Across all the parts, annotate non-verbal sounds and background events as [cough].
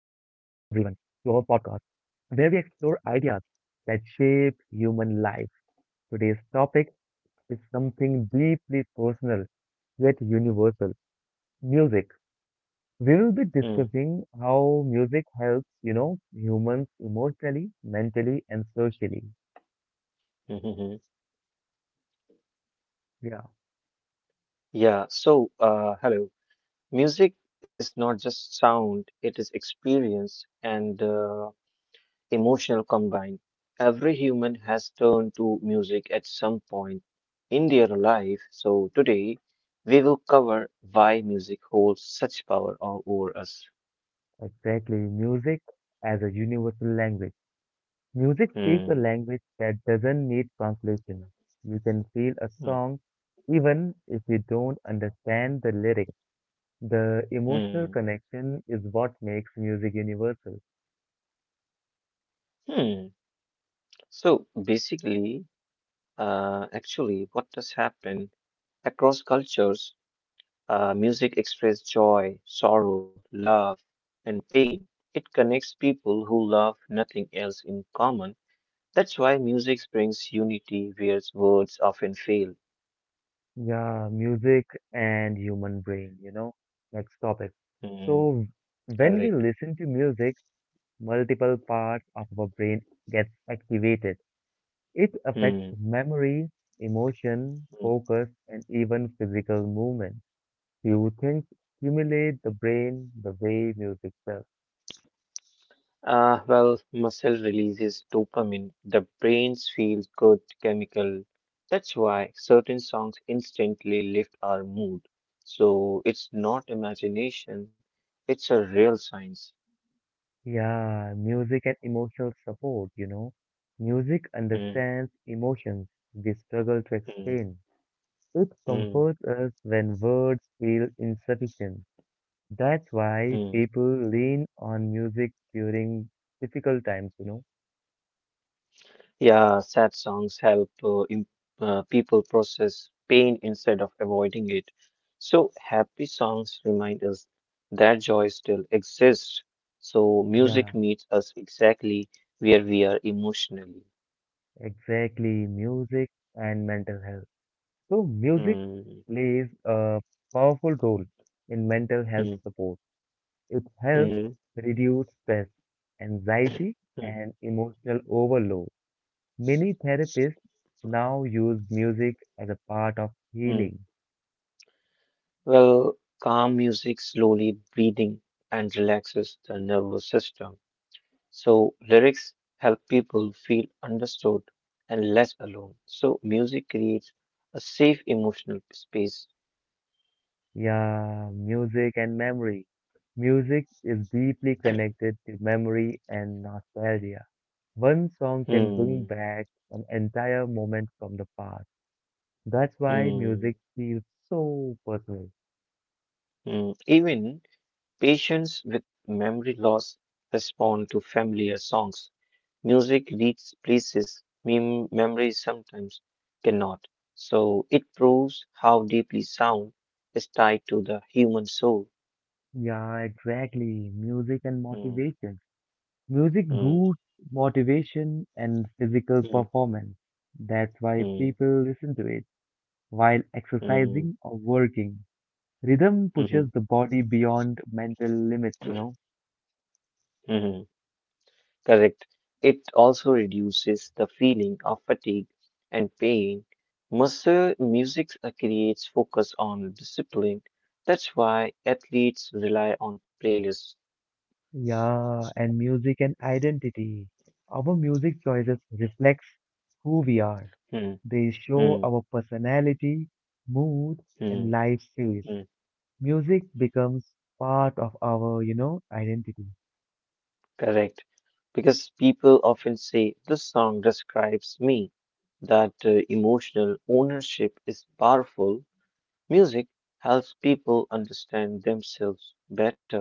our podcast where we explore ideas that shape human life. Today's topic is something deeply personal yet universal music. We will be Mm, discussing how music helps, humans emotionally, mentally, and socially. mhm, mhm. Yeah, Yeah, so hello. Music is not just sound, it is experience and emotional combined. Every human has turned to music at some point in their life. So today we will cover why music holds such power over us. exactly. Music as a universal language. Music speaks a Mm, language that doesn't need translation. You can feel a mm, song even if you don't understand the lyrics. The emotional mm, connection is what makes music universal. mm. So basically, actually, what has happened across cultures? Music expresses joy, sorrow, love, and pain. It connects people who love nothing else in common. That's why music brings unity where words often fail. Yeah, music and human brain. Next topic. Hmm, So, when we correct. listen to music, multiple parts of our brain gets activated. It affects Hmm. memory, emotion, Hmm. focus, and even physical movement. Few things stimulate the brain the way music does. Well, muscle releases dopamine, the brain's feels good chemical. That's why certain songs instantly lift our mood. So it's not imagination, it's a real science. Yeah, music and emotional support. Music Hmm, understands emotions we struggle to hmm, explain. It hmm. comforts us when words feel insufficient. That's why Mm. people lean on music during difficult times. Yeah, sad songs help people process pain instead of avoiding it. So happy songs remind us that joy still exists. So Yeah, music meets us exactly where we are emotionally. exactly. Music and mental health. So, music Mm. plays a powerful role in mental health Mm. support. It helps Mhm, reduce stress, anxiety, mm, and emotional overload. Many therapists now use music as a part of mm. healing. Well, calm music slowly breathing and relaxes the nervous system. So lyrics help people feel understood and less alone. So music creates a safe emotional space. Yeah, music and memory. Music is deeply connected to memory and nostalgia. One song can bring Hmm, back an entire moment from the past. That's why hmm, music feels so personal. hmm. Even patients with memory loss respond to familiar songs. Music reaches places memories sometimes cannot. So it proves how deeply sound is tied to the human soul. Yeah, exactly. Music and Hmm, motivation. Music hmm, boosts motivation and physical hmm, performance. That's why hmm, people listen to it while hmm, exercising or working. Rhythm hmm, pushes hmm. the body beyond mental limits. Hmm. Correct. It also reduces the feeling of fatigue and pain. Muscle music creates focus on discipline. That's why athletes rely on playlists. Yeah, and music and identity. Our music choices reflects who we are. Hmm, They show hmm, our personality, mood, and hmm, life phase. hmm. Music becomes part of our identity. Correct. Because people often say, this song describes me. That emotional ownership is powerful. Music helps people understand themselves better.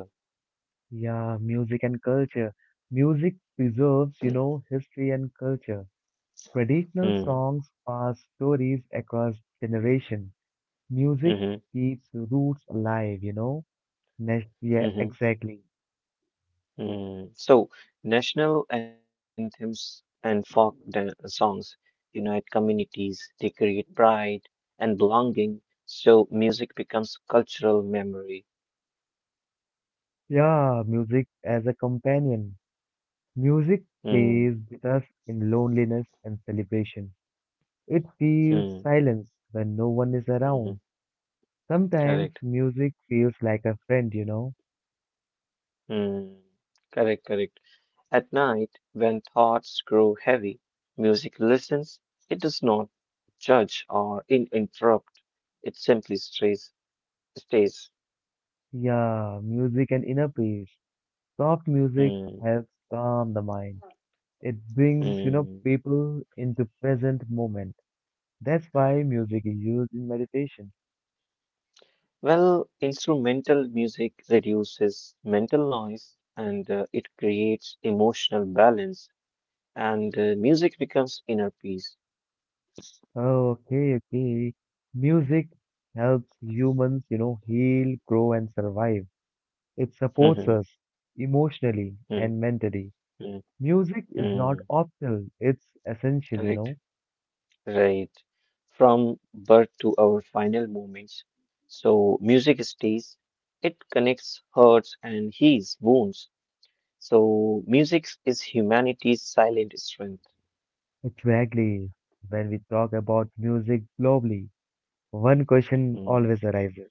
Yeah, music and culture. Music preserves, history and culture. Traditional Hmm, songs pass stories across generation. Music hmm, keeps roots alive. Next, hmm, yeah, hmm. exactly. Mm. So national anthems and folk songs unite communities, they create pride and belonging, so music becomes cultural memory. Yeah, music as a companion. Music Mm, stays with us in loneliness and celebration. It feels mm, silence when no one is around. mhm, Sometimes correct. music feels like a friend. Mm, correct, correct. At night, when thoughts grow heavy, music listens, it does not judge or in interrupt, it simply stays. Yeah, music and inner peace. Soft music Mm, helps calm the mind. It brings, mm. people into present moment. That's why music is used in meditation. Well, instrumental music reduces mental noise and it creates emotional balance, and music becomes inner peace. Oh, okay, okay. Music helps humans heal, grow, and survive. It supports Mhm, us emotionally mm, and mentally. mm, Music is not mm. optional, it's essential, you Correct. know. Right. From birth to our final moments. So music stays, it connects hearts and heals wounds. So music is humanity's silent strength. Exactly. When we talk about music globally, one question Mm, always arises.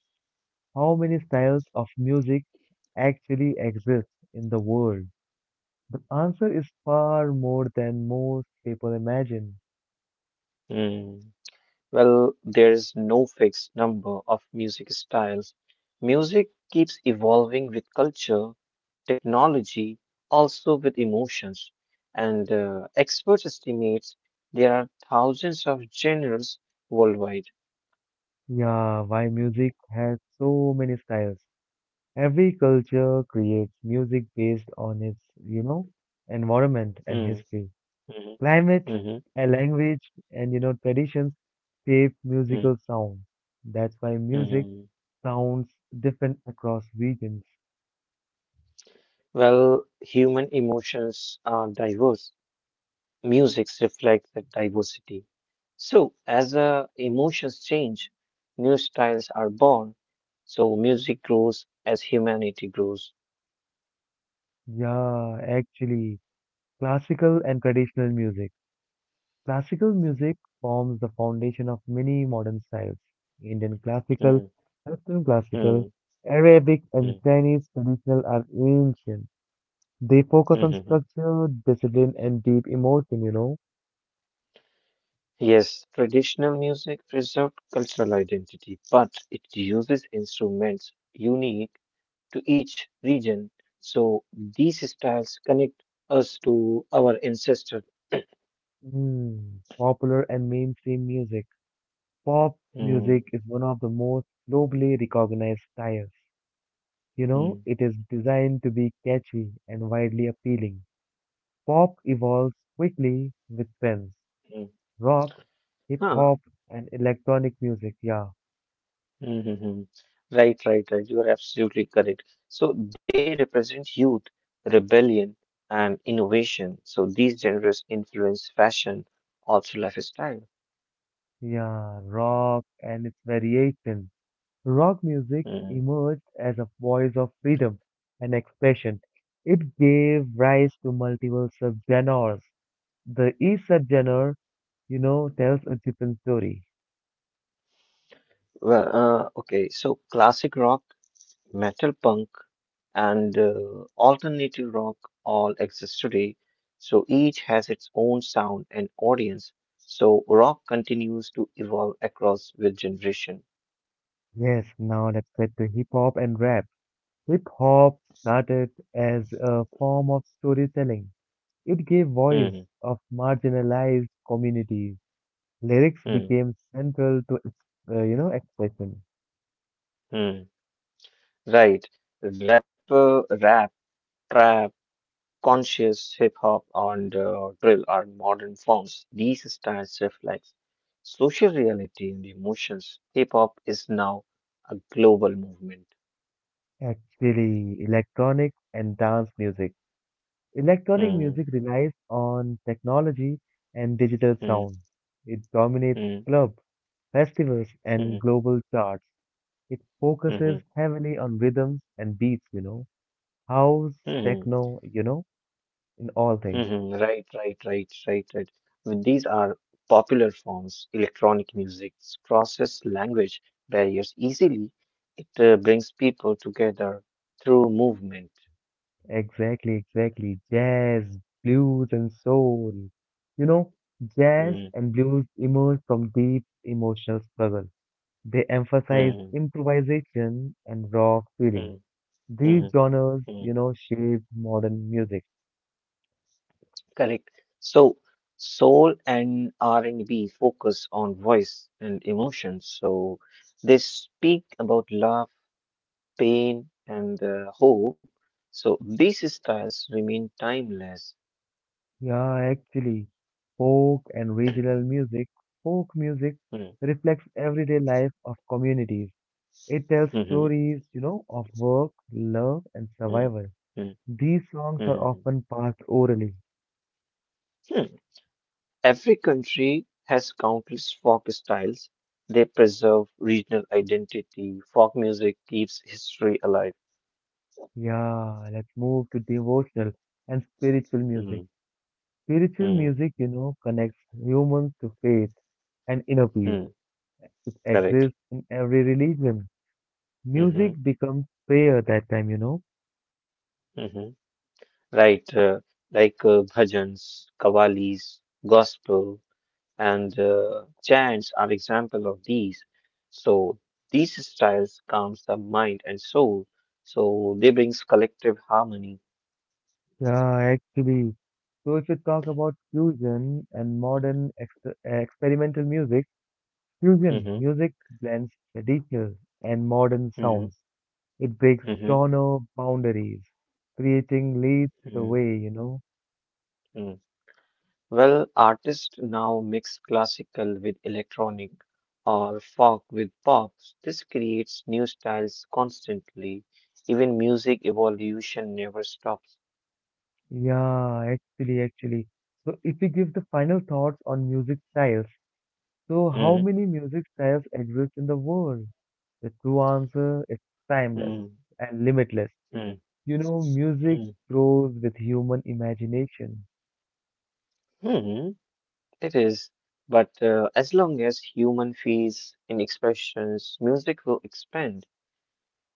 How many styles of music actually exist in the world? The answer is far more than most people imagine. mm. Well, there's no fixed number of music styles. Music keeps evolving with culture, technology, also with emotions. And experts estimate there are thousands of genres worldwide. Yeah, why music has so many styles. Every culture creates music based on its, you know, environment and Hmm, history. mhm, Climate, mhm, a language, and, traditions shape mm, musical sound. That's why music mhm. sounds different across regions. Well, human emotions are diverse. Musics reflect that diversity. So as emotions change, new styles are born. So music grows as humanity grows. Yeah, actually. Classical and traditional music. Classical music forms the foundation of many modern styles. Indian classical, Mm, Western classical, mm, Arabic and mm, Chinese traditional are ancient. They mm, focus on mm, mm. structure, discipline, and deep emotion. Yes, traditional music preserved cultural identity, but it uses instruments unique to each region. So these styles connect us to our ancestors. Mm. Popular and mainstream music. Pop Mm, music is one of the most globally recognized styles. You know, mm, it is designed to be catchy and widely appealing. Pop evolves quickly with trends. mm. Rock, hip Huh. hop, and electronic music. Yeah, Mm-hmm. Right, right, right. You are absolutely correct. So they represent youth, rebellion, and innovation. So these genres influence fashion, also lifestyle. yeah, rock and its variations. Rock music Mm. emerged as a voice of freedom and expression. It gave rise to multiple subgenres. The each subgenre, tells a different story. Well, okay. So classic rock, metal punk, and alternative rock all exist today. So each has its own sound and audience. So rock continues to evolve across with generation. Yes, now let's get to hip hop and rap. Hip hop started as a form of storytelling. It gave voice Mm-hmm. of marginalized communities. Lyrics became central to its, expression. Mm-hmm. Right. Rap, trap, conscious hip hop, and drill are modern forms. These styles reflect social reality and emotions. Hip hop is now a global movement. Actually, electronic and dance music. Electronic music Hmm. relies on technology and digital Hmm. sound. It dominates Hmm. club, festivals, and Hmm. global charts. It Hmm. focuses Hmm. heavily on rhythms and beats, house, Hmm. techno, in all Hmm, things. hmm. Right. Right. Right. Right. Right. Well, these are popular forms. Electronic music crosses language barriers easily. It brings people together through movement. Exactly, exactly. Jazz, blues, and soul. You know, jazz Mm, and blues emerge from deep emotional struggle. They emphasize mm, improvisation and raw feeling. mm, These mm, genres, mm. Shape modern music. Correct. So soul and R&B focus on voice and emotions. So they speak about love, pain, and hope. So these styles remain timeless. Yeah, actually, folk and regional music, folk music Mm, reflects everyday life of communities. It tells mhm, stories, of work, love, and mm, survival. mm, These songs are mhm. often passed orally. Hmm. Every country has countless folk styles. They preserve regional identity. Folk music keeps history alive. Yeah, let's move to devotional and spiritual music. Mm, Spiritual mm, music, connects humans to faith and inner peace. mm. It Correct. exists in every religion. Music Hmm, becomes prayer that time. hmm. Right. Like bhajans, kavalis, gospel, and chants are example of these. So these styles calms the mind and soul. So they brings collective harmony. Yeah, actually. So if you talk about fusion and modern experimental music, fusion Hmm, music blends traditional and modern sounds. hmm, It breaks hmm, genre boundaries, creating leads the way. hmm. Well, artists now mix classical with electronic or folk with pop. This creates new styles constantly. Even music evolution never stops. Yeah, actually, actually. So if we give the final thoughts on music styles, so how Mm, many music styles exist in the world? The true answer is timeless mm, and limitless. mm, Music mm, grows with human imagination. mm. It is. But as long as human feels in expressions, music will expand.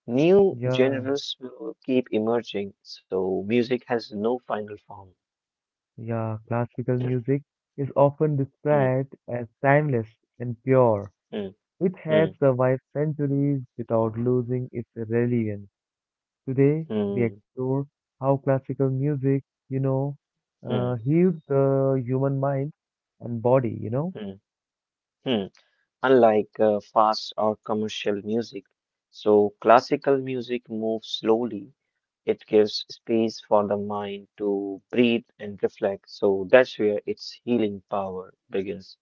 New Yeah, genres will keep emerging, so music has no final form. yeah, classical [clears throat] music is often Mm, described as timeless and pure. mm, It has mm, survived centuries without losing its relevance. Today, we mm, explore how classical music, mm, heals the human mind and body. mm. Mm. Unlike fast or commercial music. So classical music moves slowly, it gives space for the mind to breathe and reflect. So that's where its healing power begins.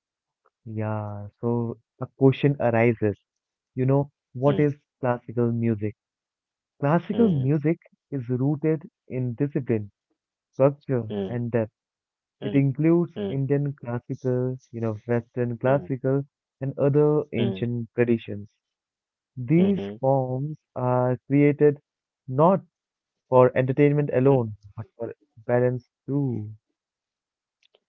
Yeah, so a question arises, what Mm, is classical music? Classical mm, music is rooted in discipline, structure, mm, and depth. It mm, includes mm, Indian classical, Western classical, and other mm, ancient traditions. These mm, forms are created not for entertainment mhm. alone, but for balance too.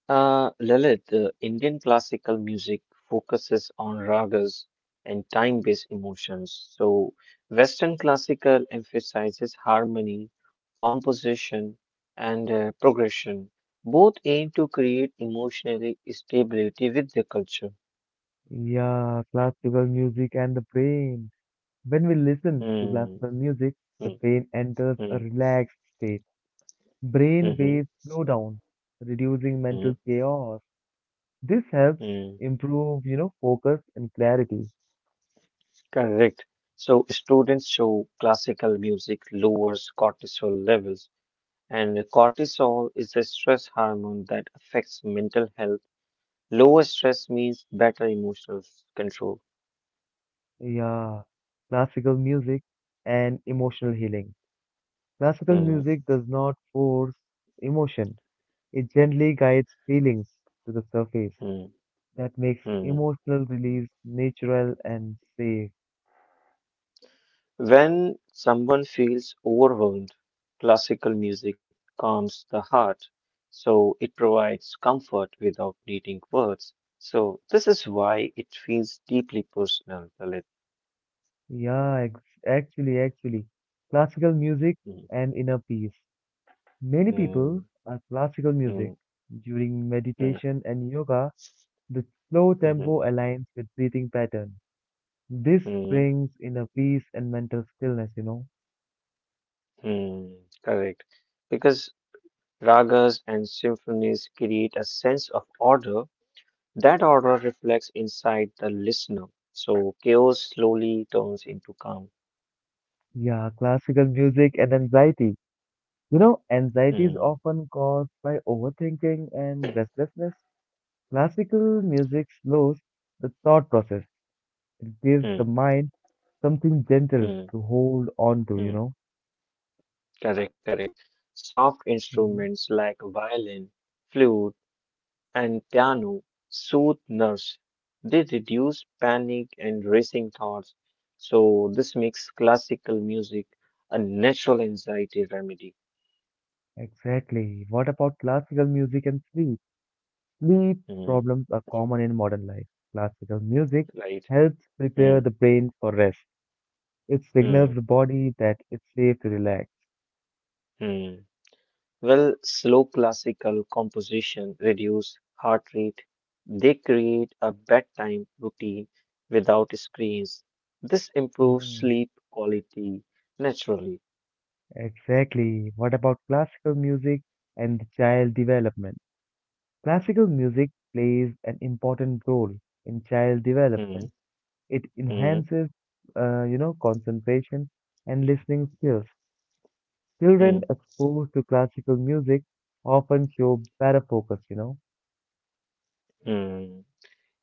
Lalit, Indian classical music focuses on ragas and time-based emotions. So Western classical emphasizes harmony, composition, and progression. Both aim to create emotionally stability with the culture. Yeah, classical music and the brain. When we listen to Hmm. classical music, the Hmm. brain enters a Hmm. relaxed state. Brain Hmm. waves slow down, reducing mental Hmm. chaos. This helps Hmm. improve, focus and clarity. Correct. So students show classical music lowers cortisol levels. And cortisol is a stress hormone that affects mental health. Lower stress means better emotional control. Yeah, classical music and emotional healing. Classical Hmm, music does not force emotion. It gently guides feelings to the surface. hmm, That makes hmm. emotional release natural and safe. When someone feels overwhelmed, classical music calms the heart. So it provides comfort without needing words. So this is why it feels deeply personal, Lalit. Yeah, actually, actually, classical music Hmm, and inner peace. Many people hmm, are classical music. hmm, During hmm, meditation and yoga, the slow hmm, tempo aligns with breathing pattern. This hmm, brings inner peace and mental stillness. hmm. Correct. Because ragas and symphonies create a sense of order. That order reflects inside the listener. So chaos slowly turns into calm. Yeah, classical music and anxiety. Anxiety is Hmm, often caused by overthinking and restlessness. Classical music slows the thought process. It gives hmm, the mind something gentle hmm, to hold on to, you hmm. know. Correct, correct. Soft Hmm. instruments like violin, flute, and piano soothe nerves. They reduce panic and racing thoughts. So this makes classical music a natural anxiety remedy. Exactly. What about classical music and sleep? Sleep Hmm, problems are common in modern life. Classical music right. helps prepare Hmm, the brain for rest. It hmm, signals the body that it's safe to relax. hmm. Well, slow classical composition reduce heart rate. They create a bedtime routine without screens. This improves Mm. sleep quality naturally. Exactly. What about classical music and child development? Classical music plays an important role in child Hmm, development. It hmm, enhances, concentration and listening skills. hmm, Children exposed to classical music often show better focus. hmm.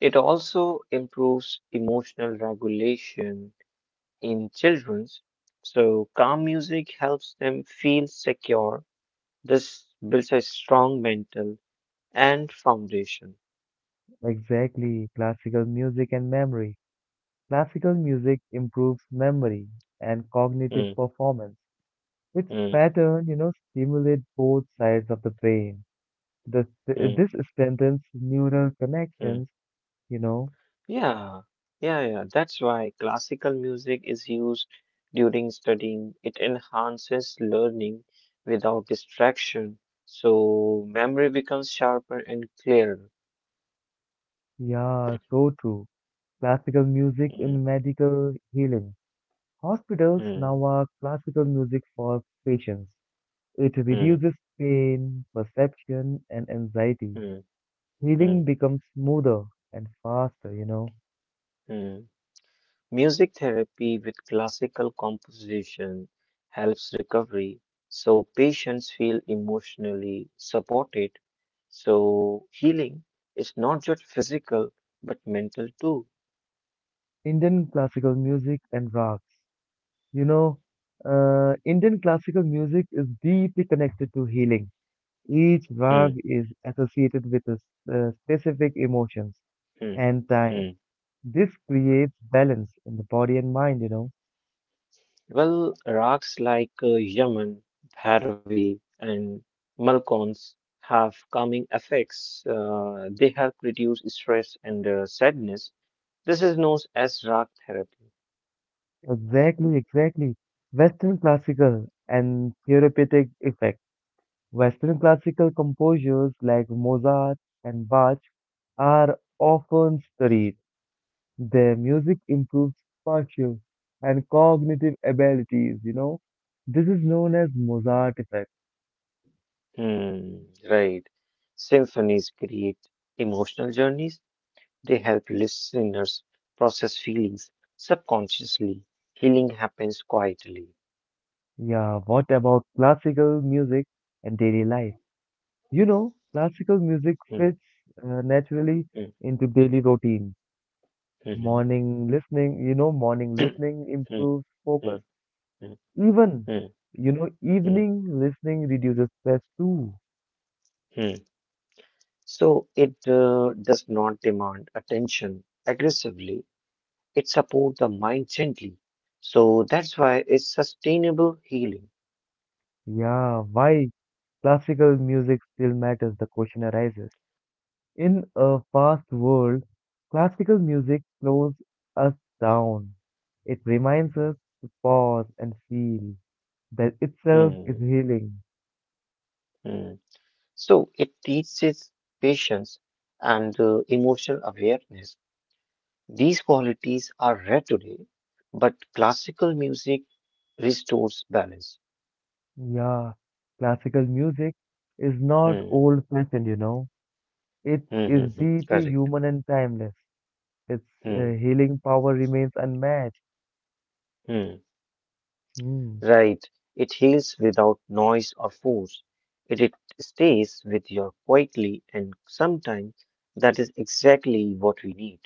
It also improves emotional regulation in children. So calm music helps them feel secure. This builds a strong mental and foundation. Exactly, classical music and memory. Classical music improves memory and cognitive Hmm, performance. Its hmm, pattern, stimulates both sides of the brain. The, hmm, this strengthens neural hmm. connections, you know. Yeah, yeah, yeah. That's why classical music is used during studying. It enhances learning without distraction, so memory becomes sharper and clearer. Yeah, so true. Classical music Mhm, in medical healing. Hospitals mhm, now are classical music for patients. It reduces pain, perception, and anxiety. mhm, mhm, Healing becomes smoother and faster. mhm. Music therapy with classical composition helps recovery, so patients feel emotionally supported. So healing is not just physical, but mental too. Indian classical music and rags. You know, Indian classical music is deeply connected to healing. Each Hmm. rag is associated with specific emotions Hmm. and time. Mm. This creates balance in the body and mind. Well, rocks like Yaman, Bhairavi, and Malkons have calming effects. They help reduce stress and sadness. This is known as rock therapy. Exactly, exactly. Western classical and therapeutic effect. Western classical composers like Mozart and Bach are often studied. Their music improves spatial and cognitive abilities, This is known as Mozart effect. Hmm, right. Symphonies create emotional journeys. They help listeners process feelings subconsciously. Healing happens quietly. Yeah, what about classical music and daily life? Classical music Hmm, fits naturally hmm, into daily routine. mhm. Morning listening, morning [clears throat] Hmm, listening hmm, improves focus. hmm, Even, hmm, hmm. evening listening reduces stress too. Hmm. So it does not demand attention aggressively, it supports the mind gently. So that's why it's sustainable healing. Yeah, why classical music still matters, the question arises. In a fast world, classical music slows us down. It reminds us to pause and feel. That itself is Hmm, healing. hmm. So it teaches patience and emotional awareness. These qualities are rare today, but classical music restores balance. Yeah, classical music is not Hmm, old fashioned. It hmm, hmm, is hmm. deeply Correct. human and timeless. Its Hmm, healing power remains unmatched. hmm. Hmm. Right. It heals without noise or force. It stays with you quietly, and sometimes that is exactly what we need.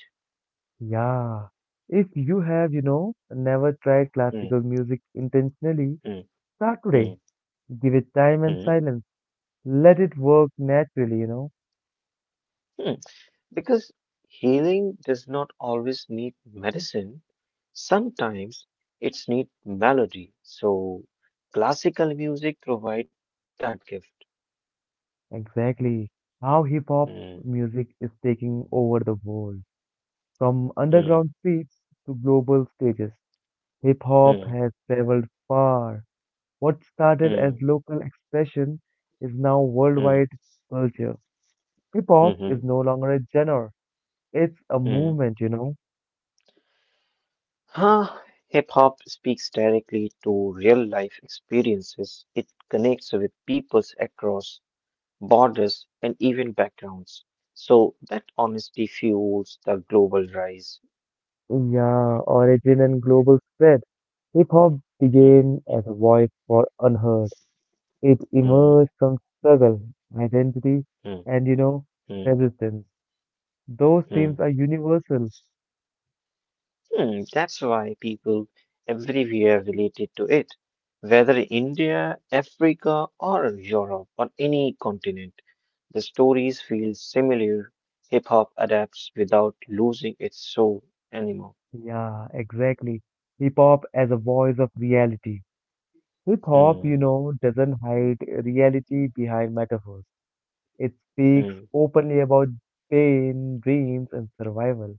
Yeah. If you have, never tried Mm, classical music intentionally, mm, start today. mm, Give it time and mm, silence. Let it work naturally. mm. Because healing does not always need medicine. Sometimes it's need melody. So classical music provides that gift. Exactly how hip hop Mm, music is taking over the world. From mm, underground streets to global stages, hip hop mm, has traveled far. What started as mm, local expression is now mm, worldwide culture. Hip hop mhm, is no longer a genre, it's a mm. movement. Huh, hip hop speaks directly to real life experiences. It connects with peoples across borders and even backgrounds. So that honesty fuels the global rise. Yeah, origin and global spread. Hip hop Hmm, began as a voice for unheard. It hmm, emerged from struggle, identity, hmm, and hmm, resistance. Those hmm. themes are universal. Hmm, that's why people everywhere related to it, whether India, Africa, or Europe, or any continent. The stories feel similar. Hip hop adapts without losing its soul anymore. Yeah, exactly. Hip hop as a voice of reality. Hip hop, Hmm. Doesn't hide reality behind metaphors. It speaks Hmm. openly about pain, dreams, and survival.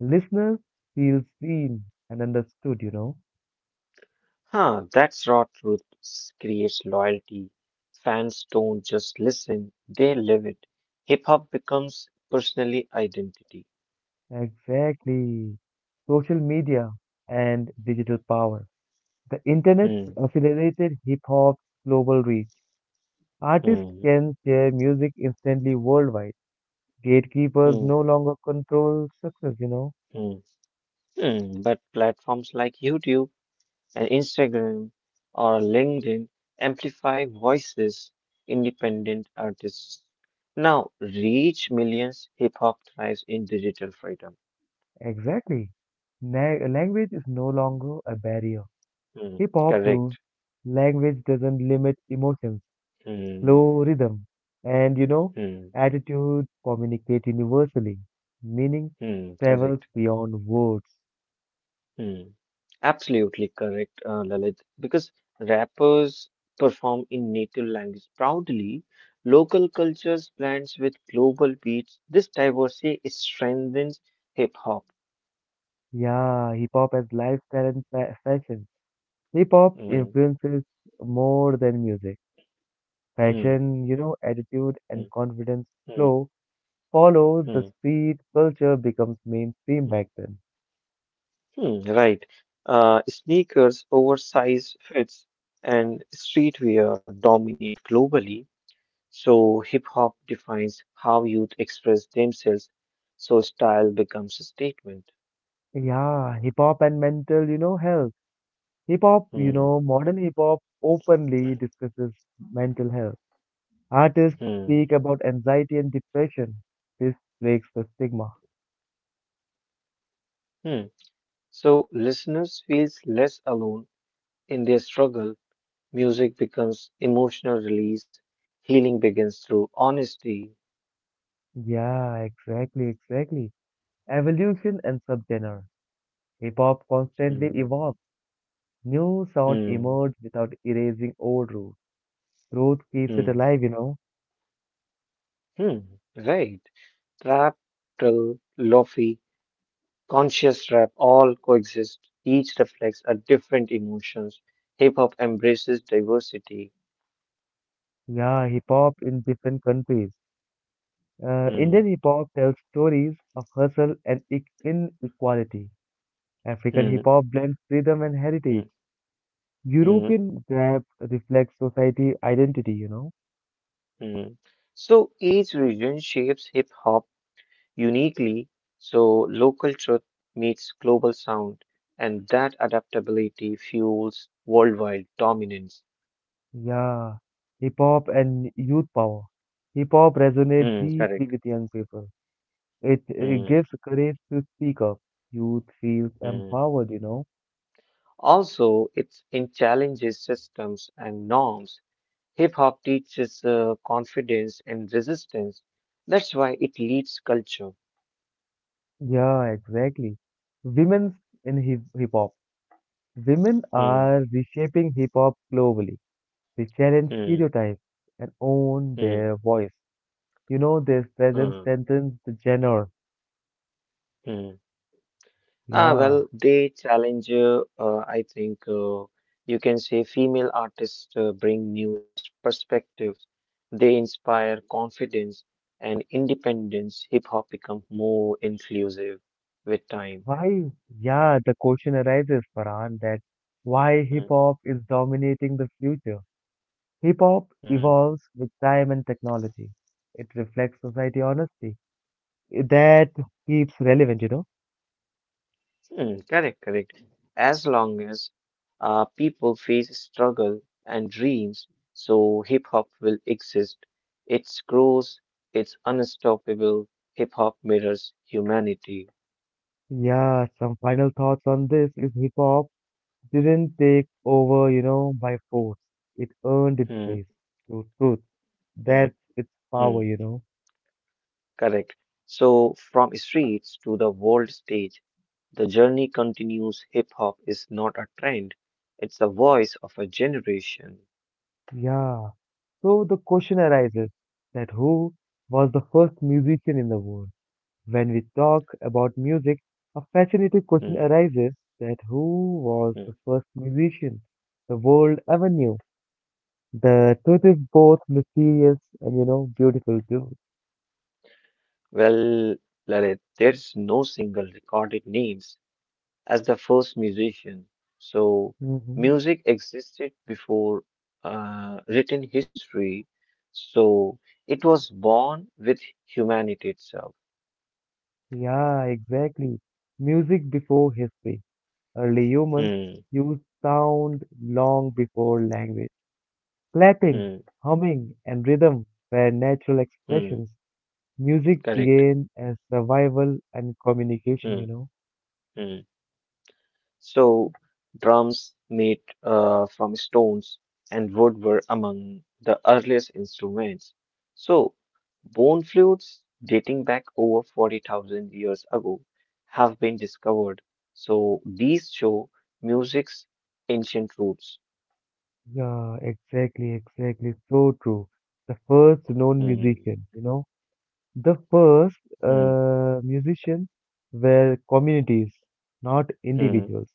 Listeners feel seen and understood, Huh, that's raw truth creates loyalty. Fans don't just listen, they live it. Hip hop becomes personally identity. Exactly. Social media and digital power. The internet's Hmm. accelerated hip hop's global reach. Artists Hmm. can share music instantly worldwide. Gatekeepers Hmm. no longer control success, Hmm. Hmm, but platforms like YouTube and Instagram or LinkedIn amplify voices, independent artists. Now reach millions, hip hop thrives in digital freedom. Exactly. Language is no longer a barrier. Hmm, Hip hop proves correct. language doesn't limit emotions. Hmm, Flow rhythm, and hmm, attitude communicate universally. Meaning hmm, travels correct. beyond words. Hmm. Absolutely correct, Lalit. Because rappers perform in native language proudly, local cultures blends with global beats. This diversity strengthens hip hop. Yeah, hip hop as lifestyle and fashion. Hip hop Mm. influences more than music. Hmm. Fashion, attitude Hmm. and confidence Hmm. flow follow the Hmm. speed culture becomes mainstream Hmm. back then. Hmm, right. Sneakers, oversized fits, and streetwear dominate globally. So hip hop defines how youth express themselves. So style becomes a statement. Yeah, hip hop and mental, health. Hip hop, Hmm. Modern hip hop openly discusses mental health. Artists Hmm. speak about anxiety and depression. This breaks the stigma. Hmm. So listeners feels less alone in their struggle. Music becomes emotional release. Healing begins through honesty. Yeah, exactly, exactly. Evolution and subgenre. Hip hop constantly Hmm. evolves. New sound Hmm. emerge without erasing old roots. Growth keeps it Hmm. alive, you know. Hmm. Right. Trap, drill, lofi, conscious rap all coexist. Each reflects a different emotions. Hip hop embraces diversity. Yeah, hip hop in different countries. Hmm. Indian hip hop tells stories of hustle and inequality. African Hmm. hip hop blends rhythm and heritage. Hmm. Hmm. European rap reflects society identity, you know. Hmm. So each region shapes hip hop uniquely, so local truth meets global sound, and that adaptability fuels worldwide dominance. Yeah, hip hop and youth power. Hip hop resonates Hmm, correct. deeply with young people. It Hmm, gives courage to speak up. Youth feels hmm. empowered, you know. Also it's in challenges systems and norms. Hip hop teaches confidence and resistance, that's why it leads culture. Yeah, exactly. Women's in hip hop. Women Hmm, are reshaping hip hop globally. They challenge hmm, stereotypes and own hmm, their voice. You know, their presence hmm, strengthens the genre. hmm. Ah, Yeah. well, they challenge, I think you can say female artists bring new perspectives. They inspire confidence and independence. Hip hop becomes more inclusive with time. Why, yeah, the question arises, Farhan, that why Mm, hip hop is dominating the future. Hip hop mm, evolves with time and technology. It reflects society honesty. That keeps relevant, you know. mm, correct, correct. As long as people face struggle and dreams, so hip hop will exist. Its grows, it's unstoppable. Hip hop mirrors humanity. Yeah, some final thoughts on this is hip hop didn't take over, you know, by force. It earned its Hmm. place through truth. Mm, That's its mm, power, you know. correct. So from streets to the world stage, the journey continues. Hip hop is not a trend, it's the voice of a generation. Yeah. So the question arises that who was the first musician in the world? When we talk about music, a fascinating question Mm, arises that who was the mm. first musician the world ever knew? The truth is both mysterious and, you know, beautiful too. Well, Lalit, there's no single recorded names as the first musician. So Hmm. music existed before written history. So it was born with humanity itself. Yeah, exactly. Music before history. Early humans Mm, used sound long before language. Clapping, mm, humming, and rhythm were natural mm, expressions. Music correct. began as survival and communication, you Mm, know. mm. So drums made from stones and wood were among the earliest instruments. So bone flutes dating back over 40,000 years ago have been discovered. So these show music's ancient roots. Yeah, exactly, exactly. So true. The first known Mm, musician, you know, the first mm, musician were communities, not mm, individuals.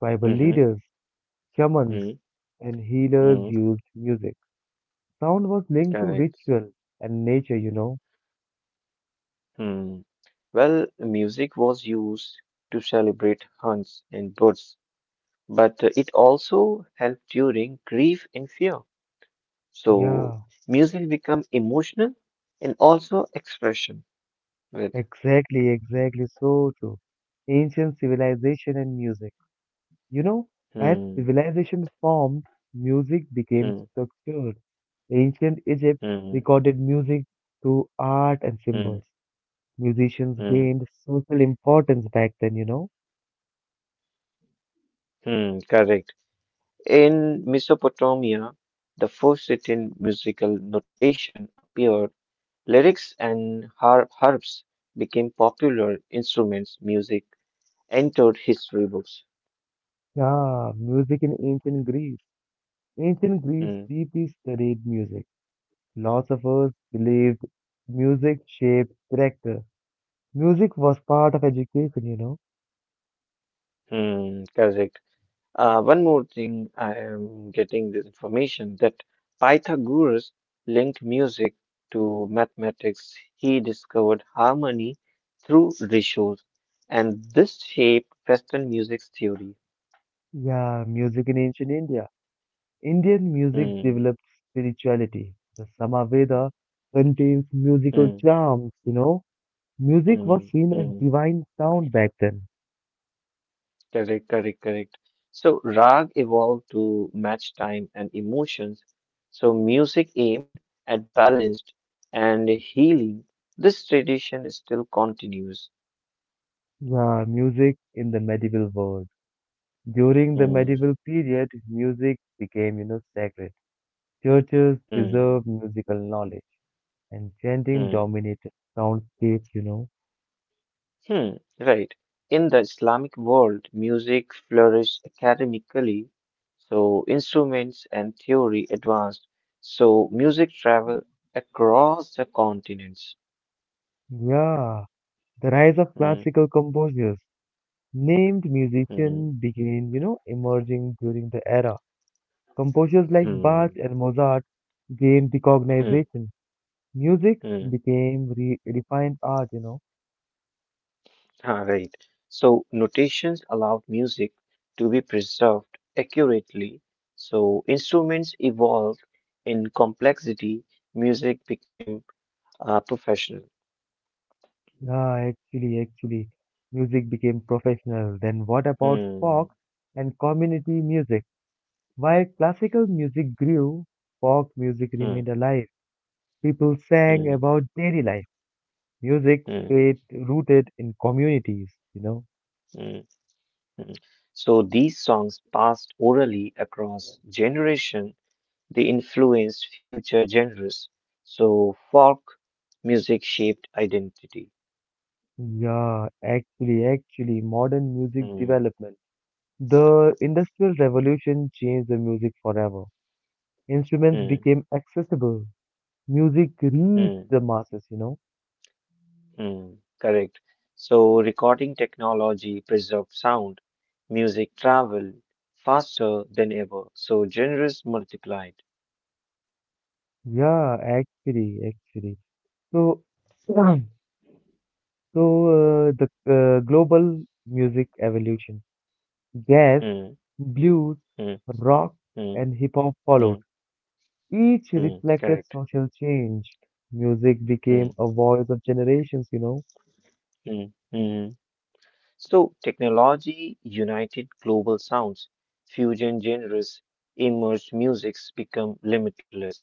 Tribal mhm, leaders, shamans, mm, and healers mm, used music. Sound was linked to correct. ritual and nature, you know. Hmm. Well, music was used to celebrate hunts and births but it also helps during grief and fear. So Yeah, music become emotional and also expression with exactly, exactly. So true. Ancient civilization and music. You know, as hmm, civilization formed, music became hmm, structured. Ancient Egypt hmm, recorded music through art and hmm, symbols. Musicians hmm, gained social importance back then, you know. Correct. In Mesopotamia, the first written musical notation appeared. Lyrics and harps became popular instruments. Music entered history books. Yeah, music in ancient Greece. Ancient Greece Hmm, deeply studied music. Philosophers believed music shaped character. Music was part of education, you know. Correct. One more thing, I am getting this information that Pythagoras linked music to mathematics. He discovered harmony through ratios, and this shaped Western music theory. Yeah, music in ancient India. Indian music Hmm, developed spirituality. The Samaveda contains hmm, musical charms, you know. Music was hmm, seen as hmm. divine sound back then. Correct, correct, correct. So rag evolved to match time and emotions. So music aimed at balanced and healing. This tradition still continues. Yeah, music in the medieval world. During the medieval period, music became, you know, sacred. Churches Hmm, preserved musical knowledge, and chanting hmm, dominated soundscapes, you know. hmm, right. In the Islamic world, music flourished academically, so instruments and theory advanced, so music traveled across the continents. Yeah, the rise of Hmm, classical composers, named hmm, musicians began, you know, emerging during the era. Composers like Bach hmm, and Mozart gained hmm, recognition. Music hmm. became refined art, you know. [laughs] Ah, right. So notations allowed music to be preserved accurately, so instruments evolved in complexity, music became professional. Ah, actually, actually, Music became professional. Then what about Hmm. folk and community music? While classical music grew, folk music hmm. remained alive. People sang Mm, about daily life. Music mm, stayed rooted in communities, you know. mm, mm. So these songs passed orally across generation. They influenced future genres. So folk music shaped identity. Modern music Mm, development. The Industrial Revolution changed the music forever. Instruments mm, became accessible. Music reached mm, the masses, you know. mm. Correct. So recording technology preserved sound. Music traveled faster than ever. So genres multiplied. Yeah, actually, actually. So, [clears throat] so the global music evolution. Jazz, Mm, blues, mm, rock, mm, and hip hop followed. mm, Each mm. reflected Correct. social change. Music Mm, became a voice of generations. mm, mm. So technology united global sounds, fusion genres, emerged musics become limitless.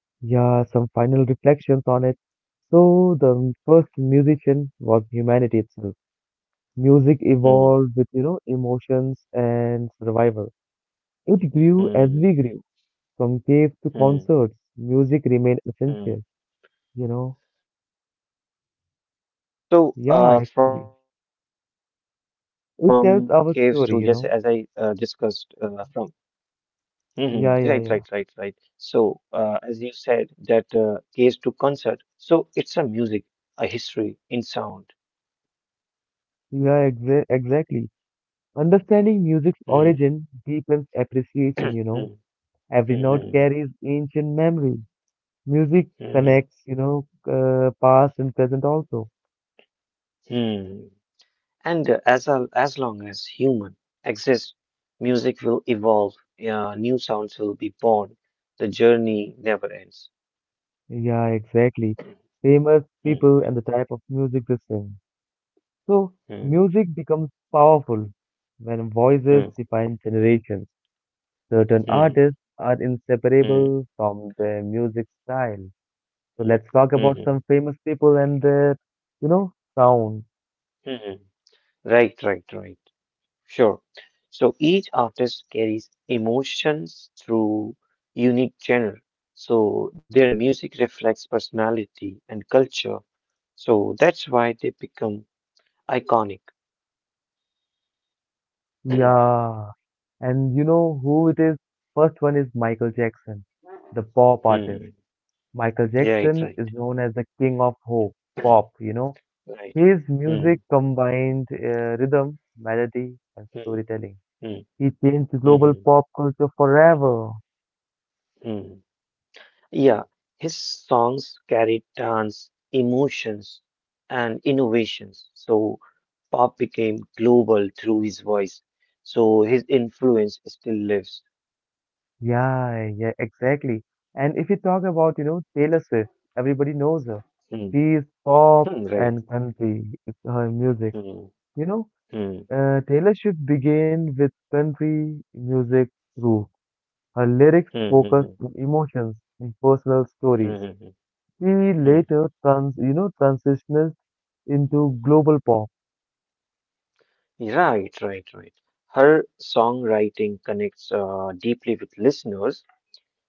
Yeah, some final reflections on it. So the first musician was humanity itself. Music Hmm, evolved with, you know, emotions and survival. It grew as hmm, we grew, from caves to hmm, concerts. Music remained hmm, essential, you know. hmm. hmm. So, Yeah, actually. from caves to just as I It tells discussed, our story, you from know. Hmm, hmm, hmm. right, right, right, right. Yeah, yeah, So, yeah. As you said, that caves to concert. So it's a music, a history in sound. Exactly. Understanding music's Hmm, origin deepens appreciation, [clears throat] you hmm, hmm, know. Every note hmm, carries ancient memory. Music hmm, connects, you know, past and present also. hmm. And as a, as long as human exists, music will evolve. New sounds will be born. The journey never ends. Yeah, exactly. Famous Hmm, people and the type of music they sing. So, hmm, music becomes powerful when voices hmm, define generations. Certain hmm, artists are hmm, inseparable from their music style. So, hmm, let's talk about hmm, some famous people and their, you know, sound. hmm. Right, right, right. Sure. So each artist carries emotions through unique genre. So their music reflects personality and culture. So that's why they become iconic. [clears throat] Yeah. And you know who it is? First one is Michael Jackson, the pop artist. Hmm. Michael Right, Jackson right. is known as the king of hope, pop, you know. Right. His Hmm. music combined rhythm, melody, and Hmm. storytelling. Hmm. He changed global Hmm. pop culture forever. Hmm. Yeah. His songs carried dance, emotions, and innovations. So pop became global through his voice. So his influence still lives. Yeah, yeah, exactly. And if you talk about, you know, Taylor Swift, everybody knows her. Hmm. She is pop Hmm. Right. and country, it's her music. Hmm. You know, Hmm. Taylor should begin with country music roots. Her lyrics Hmm. Hmm. focus Hmm. on emotions and personal stories. Hmm. hmm, She hmm. later transitioned into global pop. Right, right, right. Her songwriting connects deeply with listeners.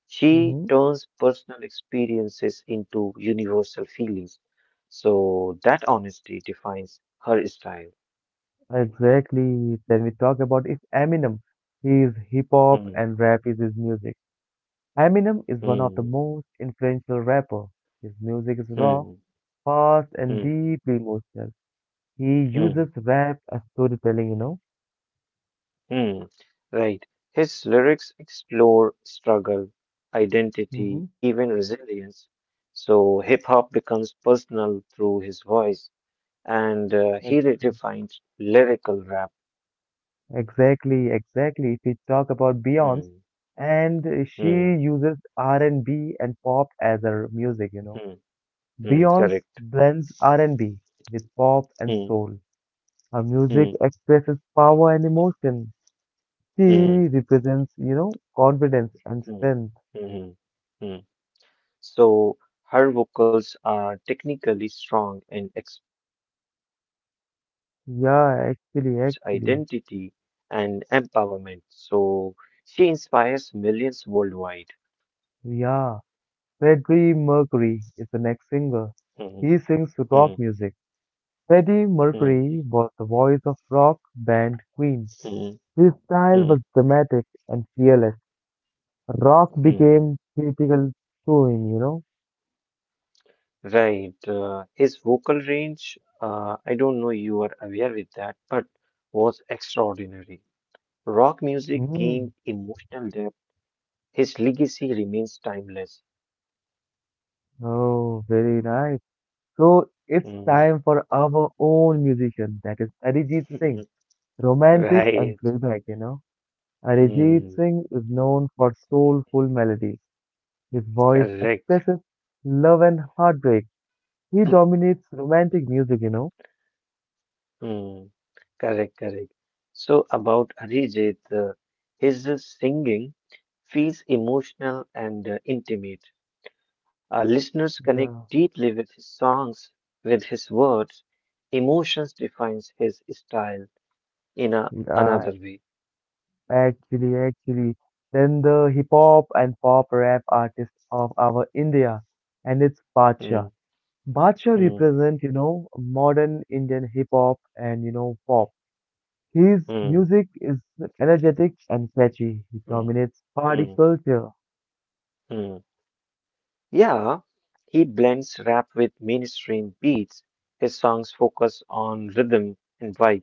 She Mm-hmm. turns personal experiences into universal feelings. So that honesty defines her style. Exactly. Then we talk about is Eminem. He is hip hop Hmm, and rap is his music. Eminem is one of the hmm, most influential rapper. His music is raw, hmm, fast, and hmm, deeply emotional. He uses hmm, rap as storytelling, you know. hmm. Right. His lyrics explore struggle, identity, Hmm. even resilience. So hip hop becomes personal through his voice, and he redefines lyrical rap. Exactly, exactly. If we talk about Beyonce, Hmm, and hmm, she uses R&B and pop as her music, you know. hmm, hmm. Beyonce Correct. blends R&B with pop and Hmm, soul. Her music hmm, expresses power and emotion. She hmm. represents, you know, confidence and Mm, strength. mhm, mm. So her vocals are technically strong and expressive. Her music celebrates Yeah, identity actually, actually. and empowerment. So she inspires millions worldwide. Yeah. Freddie Mercury is the next singer. Mhm, He sings rock mhm, music. Freddie mhm, Mercury was the voice of rock band Queen. mhm, His style mhm, was dramatic and fearless. Rock mhm. became critical to him, you know. Right. His vocal range, I don't know you are aware with that, but was extraordinary. Rock music Mm. gained emotional depth. His legacy remains timeless. Oh, very nice. So it's Mm. time for our own musician, that is Arijit Singh, [laughs] romantic and Right. playback, you know. Arijit Mm. Singh is known for soulful melodies. His voice Correct. expresses love and heartbreak. He [clears throat] dominates romantic music, you know. Mm. Correct, correct. So about Arijit, his singing feels emotional and intimate. Our listeners connect Yeah. deeply with his songs, with his words. Emotions defines his style in a Uh, another way. actually, actually. Then the hip hop and pop rap artist of our India, and it's Badshah. Mm, Badshah mm, represent, you know, modern Indian hip hop and, you know, pop. His mm, music is energetic and catchy. He mm, dominates party mm, culture. mm. Yeah, he blends rap with mainstream beats. His songs focus on rhythm and vibe,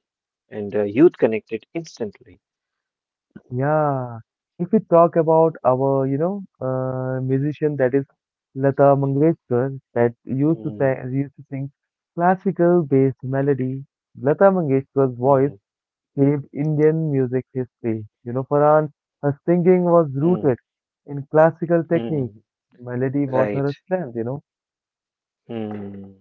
and youth connect it instantly. Yeah. If we talk about our, you know, musician that is Lata Mangeshkar that Mm, used to sing classical based melody, Lata Mangeshkar's voice mm, saved Indian music history. You know, Farhan, her singing was rooted mm, in classical technique. mm. Melody was Right. her strength, you know. Mm.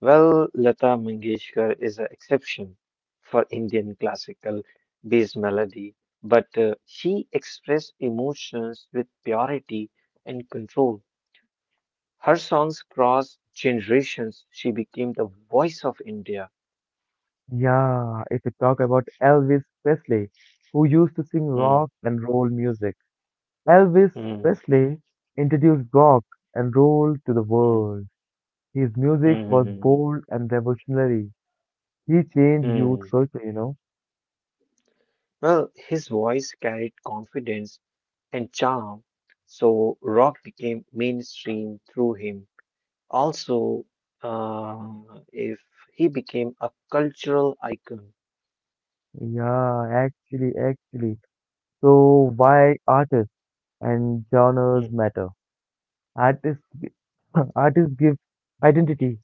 Well, Lata Mangeshkar is an exception for Indian classical based melody, but she expressed emotions with purity and control. Her songs cross generations. She became the voice of India. Yeah, if we talk about Elvis Presley, who used to sing Mm, rock and roll music, Elvis mm, Presley introduced rock and roll to the mm, mm, world. His mm. music mm, was mm, bold and revolutionary. He changed youth mm. culture, you know. Well, his voice carried confidence and charm, so rock became mainstream through him. Also, uh, if he became a cultural icon. Yeah, actually, actually. So why artists and genres Mm, matter? Artists, [clears throat] artists give identity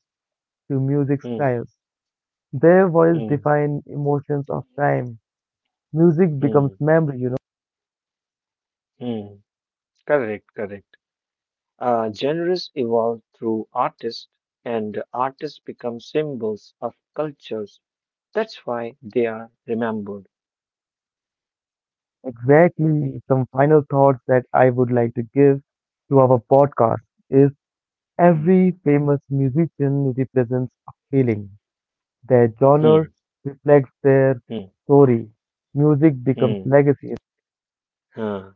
to music mm, styles. Their voice mm, define emotions of time. Music becomes mm, memory, you. mm. Correct, correct. Genres evolve through artists, and artists become symbols of cultures. That's why they are remembered. Exactly. Some final thoughts that I would like to give to our podcast is Mm, every famous musician represents a feeling. Their genre reflects their mm, story. Music becomes Hmm. legacy. huh,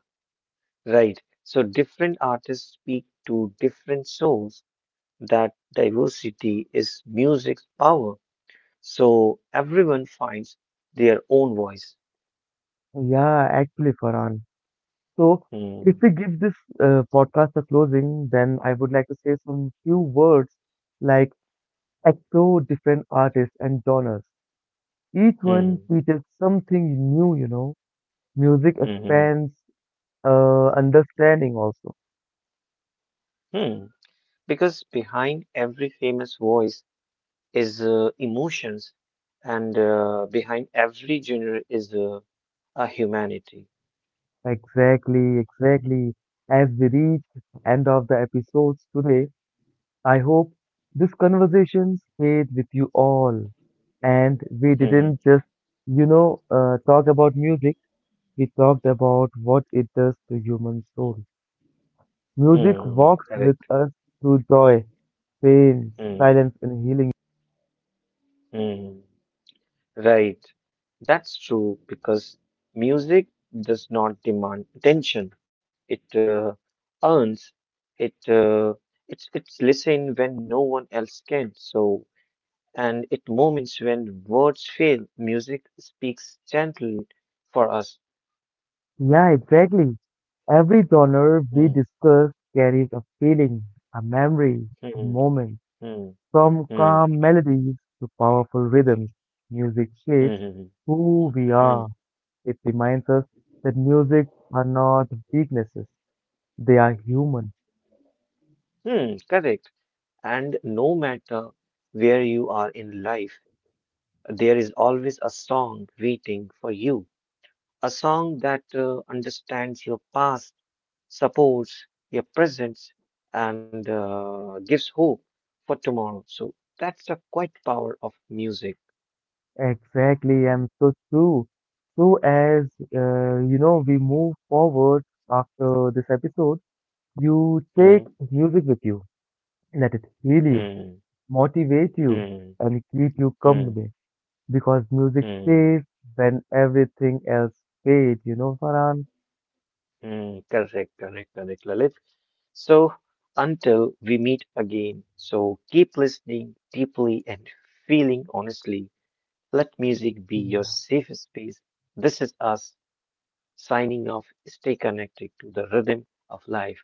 Right. So different artists speak to different souls. That diversity is music's power. So everyone finds their own voice. Yeah, actually, Farhan. So, if Hmm. we give this podcast a closing, then I would like to say some few words like explore different artists and genres. Each one Hmm. teaches something new, you know. Music Hmm. Hmm. expands understanding also. hmm. Because behind every famous voice is emotions, and behind every genre is a humanity. Exactly, exactly. As we reach end of the episodes today, I hope this conversation stayed with you all. And we Hmm. didn't just, you know, talk about music. We talked about what it does to human soul. Music Hmm. walks with Correct. us through joy, pain, Hmm. silence, and healing. Hmm. Right. That's true because music does not demand attention. It earns it. It's listened when no one else can. So and it moments when words fail, music speaks gently for us. Yeah, exactly. Every genre we Mm, discuss carries a feeling, a memory, a mm, moment. mm, From mm, calm melodies to powerful rhythms, music shapes mm, who we are. mm, It reminds us that music are not weaknesses, they are human. Correct. And no matter where you are in life, there is always a song waiting for you a song that understands your past, supports your presence, and gives hope for tomorrow. So that's the quite power of music. Exactly, and so true. So, as you know, we move forward after this episode, you take Hmm, music with you, let it heal you, hmm, motivate you, hmm, and keep you hmm, company because music hmm, stays when everything else fades, you know, Farhan? hmm. Correct, correct, correct, Lalit. So until we meet again, so keep listening deeply and feeling honestly. Let music be your Yeah. safe space. This is us signing off. Stay connected to the rhythm of life.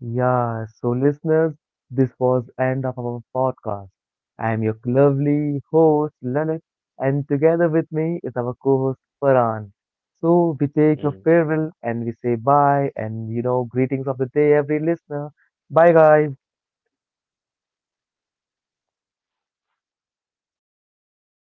Yeah, so listeners, this was end of our podcast. I am your lovely host Lalit, and together with me is our co-host Farhan. So we take your Mm. farewell and we say bye and you know greetings of the day every listener. Bye guys.